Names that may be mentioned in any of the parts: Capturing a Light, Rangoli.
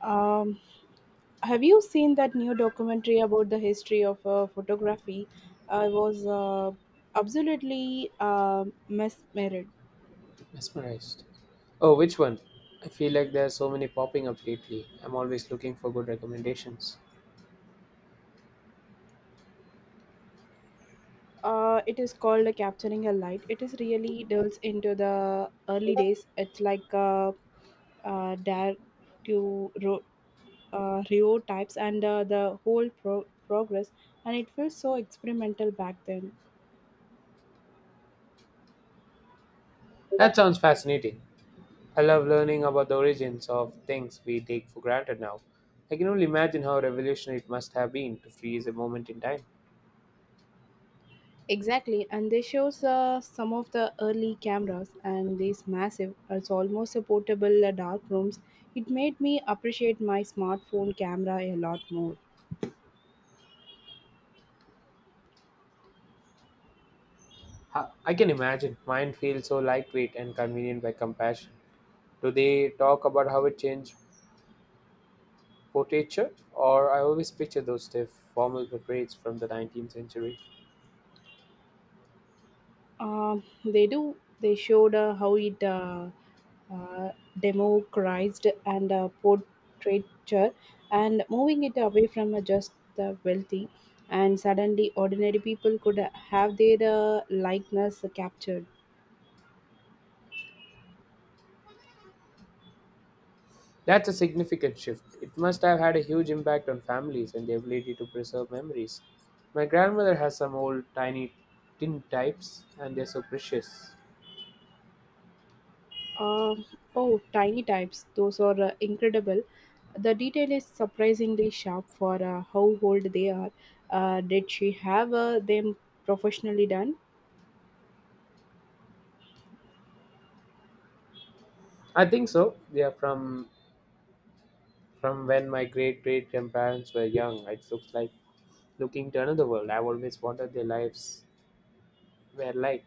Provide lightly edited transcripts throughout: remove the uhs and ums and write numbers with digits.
Um, have you seen that new documentary about the history of photography? I was absolutely mesmerized. Mesmerized. Oh, which one? I feel like there are so many popping up lately. I'm always looking for good recommendations. It is called Capturing a Light. It is really delves into the early days. It's like uh, dare to ro- Rio types and the whole progress, and it feels so experimental back then. That sounds fascinating. I love learning about the origins of things we take for granted now. I can only imagine how revolutionary it must have been to freeze a moment in time. Exactly, and they shows some of the early cameras and these massive, it's almost a portable dark rooms. It made me appreciate my smartphone camera a lot more. I can imagine. Mine feels so lightweight and convenient by comparison. Do they talk about how it changed portraiture? Or I always picture those stiff, formal portraits from the 19th century. They do. They showed how it uh, democratized and portraiture and moving it away from just the wealthy, and suddenly ordinary people could have their likeness captured. That's a significant shift. It must have had a huge impact on families and the ability to preserve memories. My grandmother has some old tiny tin types and they're so precious. Um, Oh, tiny types. Those are incredible. The detail is surprisingly sharp for how old they are. Did she have them professionally done? I think so. They are from when my great great grandparents were young. It looks like looking to another world. I've always wondered their lives were like.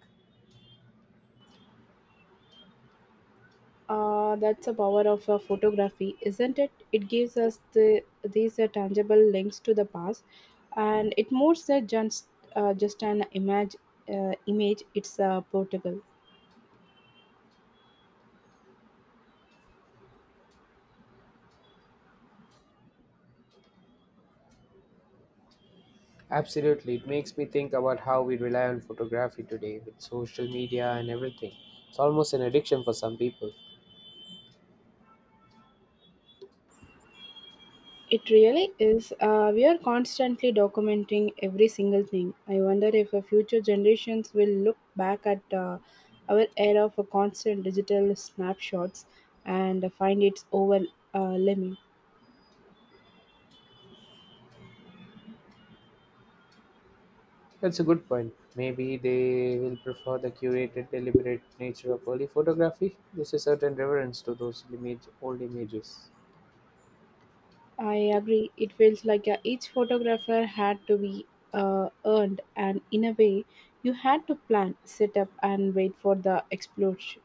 That's the power of photography, isn't it? It gives us the these tangible links to the past, and it more than just an image image. It's a Portugal. Absolutely. It makes me think about how we rely on photography today with social media and everything. It's almost an addiction for some people. It really is. We are constantly documenting every single thing. I wonder if future generations will look back at our era for constant digital snapshots and find it's overwhelming. That's a good point. Maybe they will prefer the curated, deliberate nature of early photography. There's a certain reverence to those image, old images. I agree. It feels like each photographer had to be earned, and in a way, you had to plan, set up, and wait for the explosion.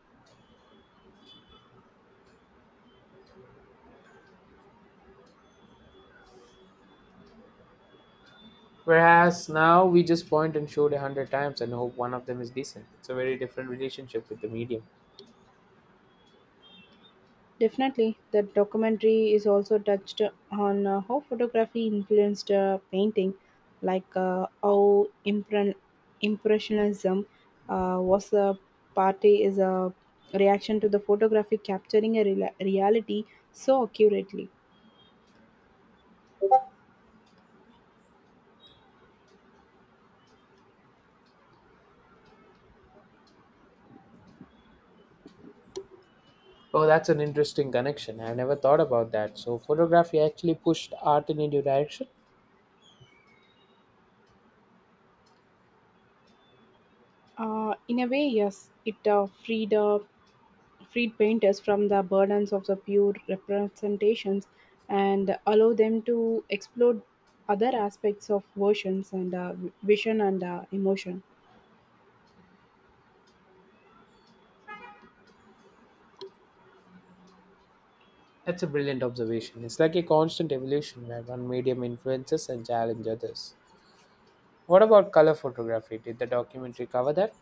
Whereas now we just point and shoot a hundred times and hope one of them is decent. It's a very different relationship with the medium. Definitely, the documentary is also touched on how photography influenced painting, like impressionism was a party is a reaction to the photography capturing a rela reality so accurately. Oh, that's an interesting connection. I never thought about that. So, photography actually pushed art in a new direction? In a way, yes, it freed painters from the burdens of the pure representations and allow them to explore other aspects of versions and vision and emotion. That's a brilliant observation. It's like a constant evolution where one medium influences and challenges others. What about color photography? Did the documentary cover that?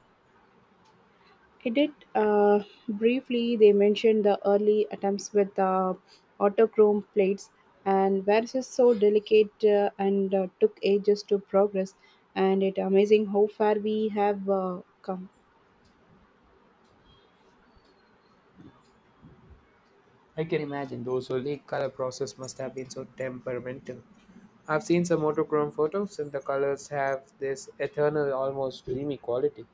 I did briefly, they mentioned the early attempts with autochrome plates and where this is so delicate and took ages to progress and it amazing how far we have come. I can imagine those early color process must have been so temperamental. I've seen some monochrome photos and the colors have this eternal, almost dreamy quality.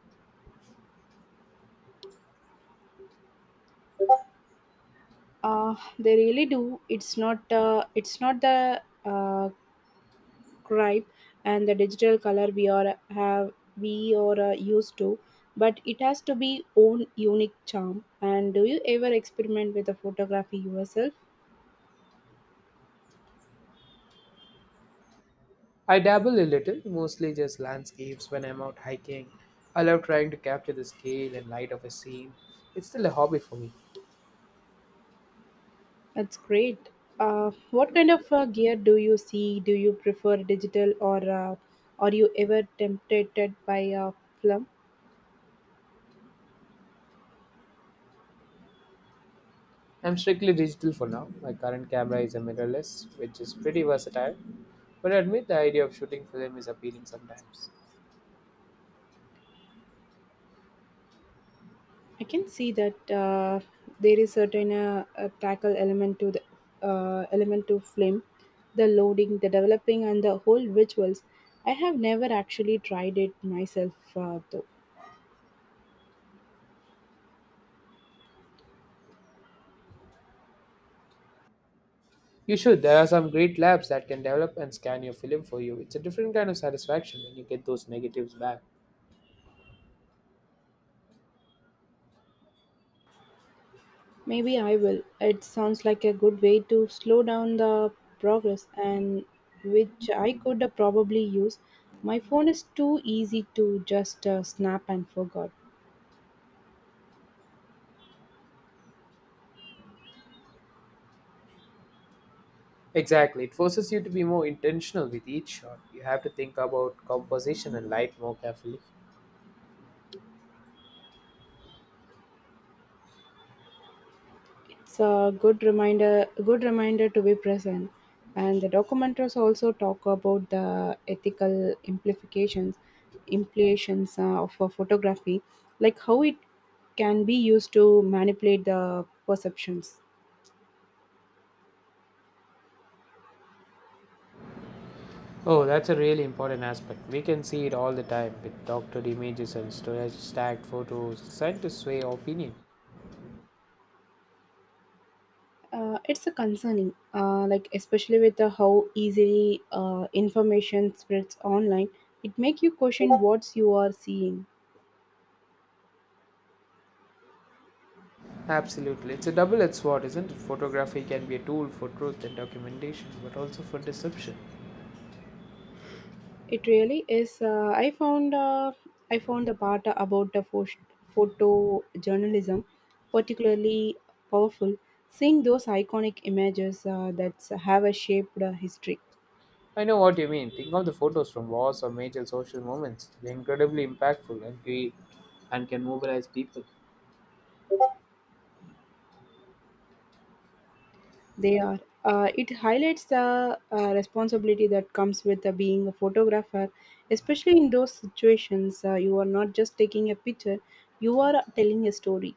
They really do. It's not it's not the scribe and the digital color we are have we are used to, but it has to be own unique charm. And do you ever experiment with the photography yourself? I dabble a little, mostly just landscapes when I'm out hiking. I love trying to capture the scale and light of a scene. It's still a hobby for me. That's great. uh, what kind of gear do you see? Do you prefer digital or are you ever tempted by a film? I'm strictly digital for now. My current camera is a mirrorless, which is pretty versatile. But I admit the idea of shooting film is appealing sometimes. I can see that. There is certain a tackle element to the element to film, the loading, the developing, and the whole visuals. I have never actually tried it myself, though. You should. There are some great labs that can develop and scan your film for you. It's a different kind of satisfaction when you get those negatives back. Maybe I will. It sounds like a good way to slow down the progress, and which I could probably use. My phone is too easy to just snap and forgot. Exactly. It forces you to be more intentional with each shot. You have to think about composition and light more carefully. It's a good reminder to be present. And the documentaries also talk about the implications of photography, like how it can be used to manipulate the perceptions. Oh, that's a really important aspect. We can see it all the time with doctored images and storage stacked photos. Scientists sway opinion. It's a concerning, like especially with the how easily information spreads online. It make you question what you are seeing. Absolutely. It's a double edged sword, isn't it? Photography can be a tool for truth and documentation, but also for deception. It really is. I found the part about the photojournalism particularly powerful. Seeing those iconic images that have a shaped history, I know what you mean. Think of the photos from wars or major social moments. They're incredibly impactful and create and can mobilize people. they are. It highlights the responsibility that comes with being a photographer, especially in those situations. You are not just taking a picture; you are telling a story.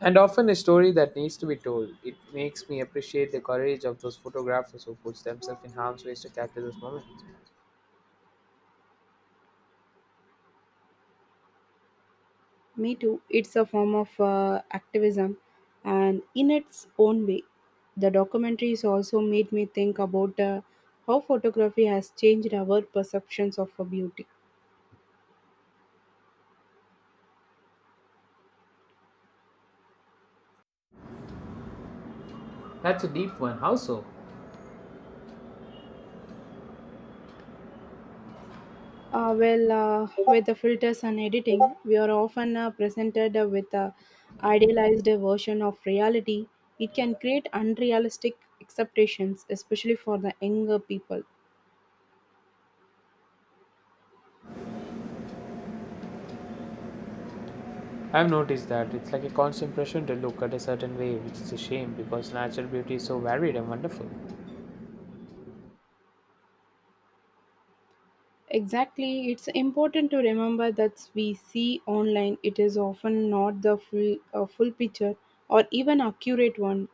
And often a story that needs to be told. It makes me appreciate the courage of those photographers who put themselves in harm's way to capture those moments. Me too. It's a form of activism, and in its own way, the documentaries also made me think about how photography has changed our perceptions of beauty. That's a deep one. How so? Well, with the filters and editing, we are often presented with a idealized version of reality. It can create unrealistic expectations, especially for the younger people. I've noticed that it's like a constant pressure to look at a certain way, which is a shame because natural beauty is so varied and wonderful. Exactly, it's important to remember that we see online it is often not the full picture or even accurate one.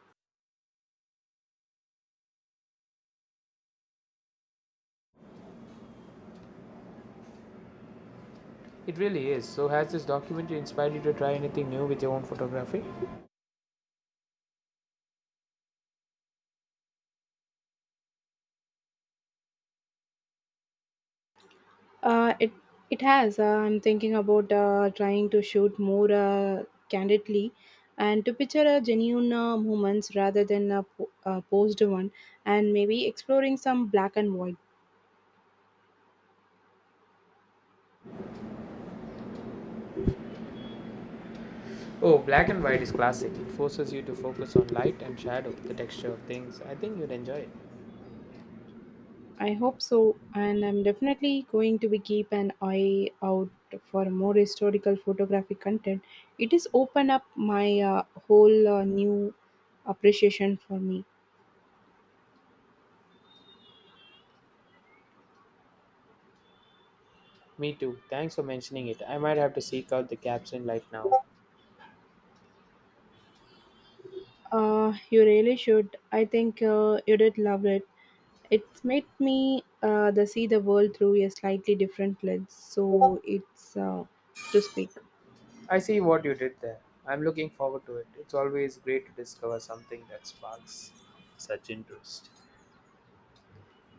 It really is. So, has this documentary inspired you to try anything new with your own photography? Uh, it it has. I'm thinking about trying to shoot more candidly and to picture a genuine moments rather than a posed one, and maybe exploring some black and white. Oh, black and white is classic. It forces you to focus on light and shadow, the texture of things. I think you'd enjoy it. I hope so, and I'm definitely going to be keep an eye out for more historical photographic content. It is open up my whole new appreciation for me. Me too. Thanks for mentioning it. I might have to seek out the capturing light now. You really should. I think you did love it. It's made me the see the world through a slightly different lens, so it's to speak. I see what you did there. I'm looking forward to it. It's always great to discover something that sparks such interest.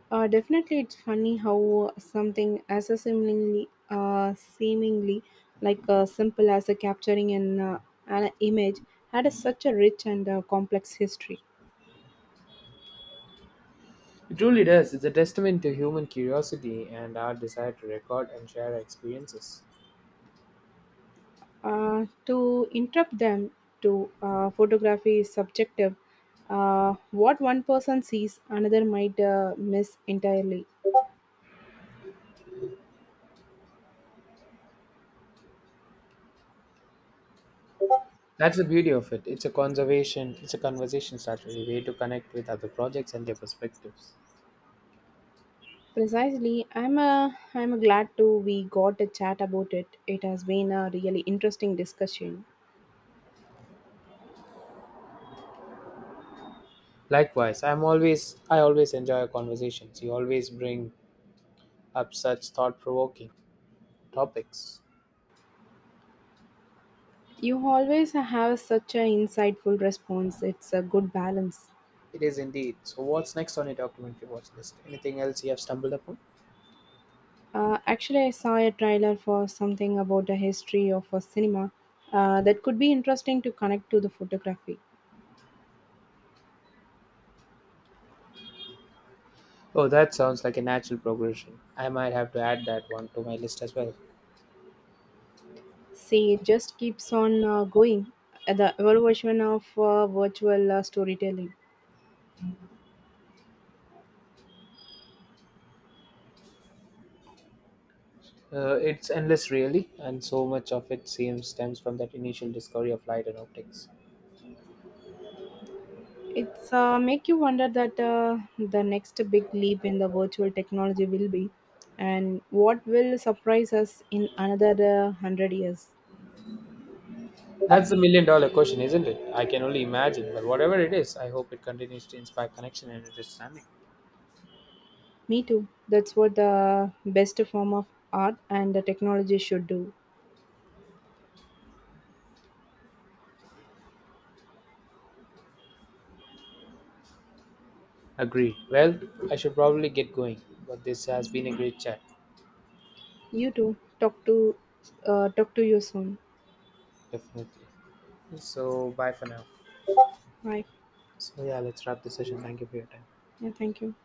Definitely, it's funny how something as a seemingly like simple as a capturing an image had a, such a rich and complex history. It truly does. It's a testament to human curiosity and our desire to record and share our experiences. To interrupt them to photography is subjective. What one person sees, another might miss entirely. That's the beauty of it. It's a conservation, it's a conversation starter, a way to connect with other projects and their perspectives. Precisely, I'm glad to we got a chat about it. It has been a really interesting discussion. Likewise, I always enjoy our conversations. You always bring up such thought-provoking topics. You always have such an insightful response. It's a good balance. It is indeed. So, what's next on your documentary watch list? Anything else you have stumbled upon? Actually, I saw a trailer for something about the history of a cinema that could be interesting to connect to the photography. Oh, that sounds like a natural progression. I might have to add that one to my list as well. See, it just keeps on going. The evolution of virtual storytelling. It's endless, really, and so much of it seems stems from that initial discovery of light and optics. It's make you wonder that the next big leap in the virtual technology will be, and what will surprise us in another hundred years. That's the million dollar question, isn't it? I can only imagine, but whatever it is, I hope it continues to inspire connection and understanding. Me too. That's what the best form of art and the technology should do. Agree. Well, I should probably get going, but this has been a great chat, You too. Talk to you soon. definitely. So, bye for now. Bye. So, yeah, let's wrap the session. Thank you for your time. Yeah, thank you.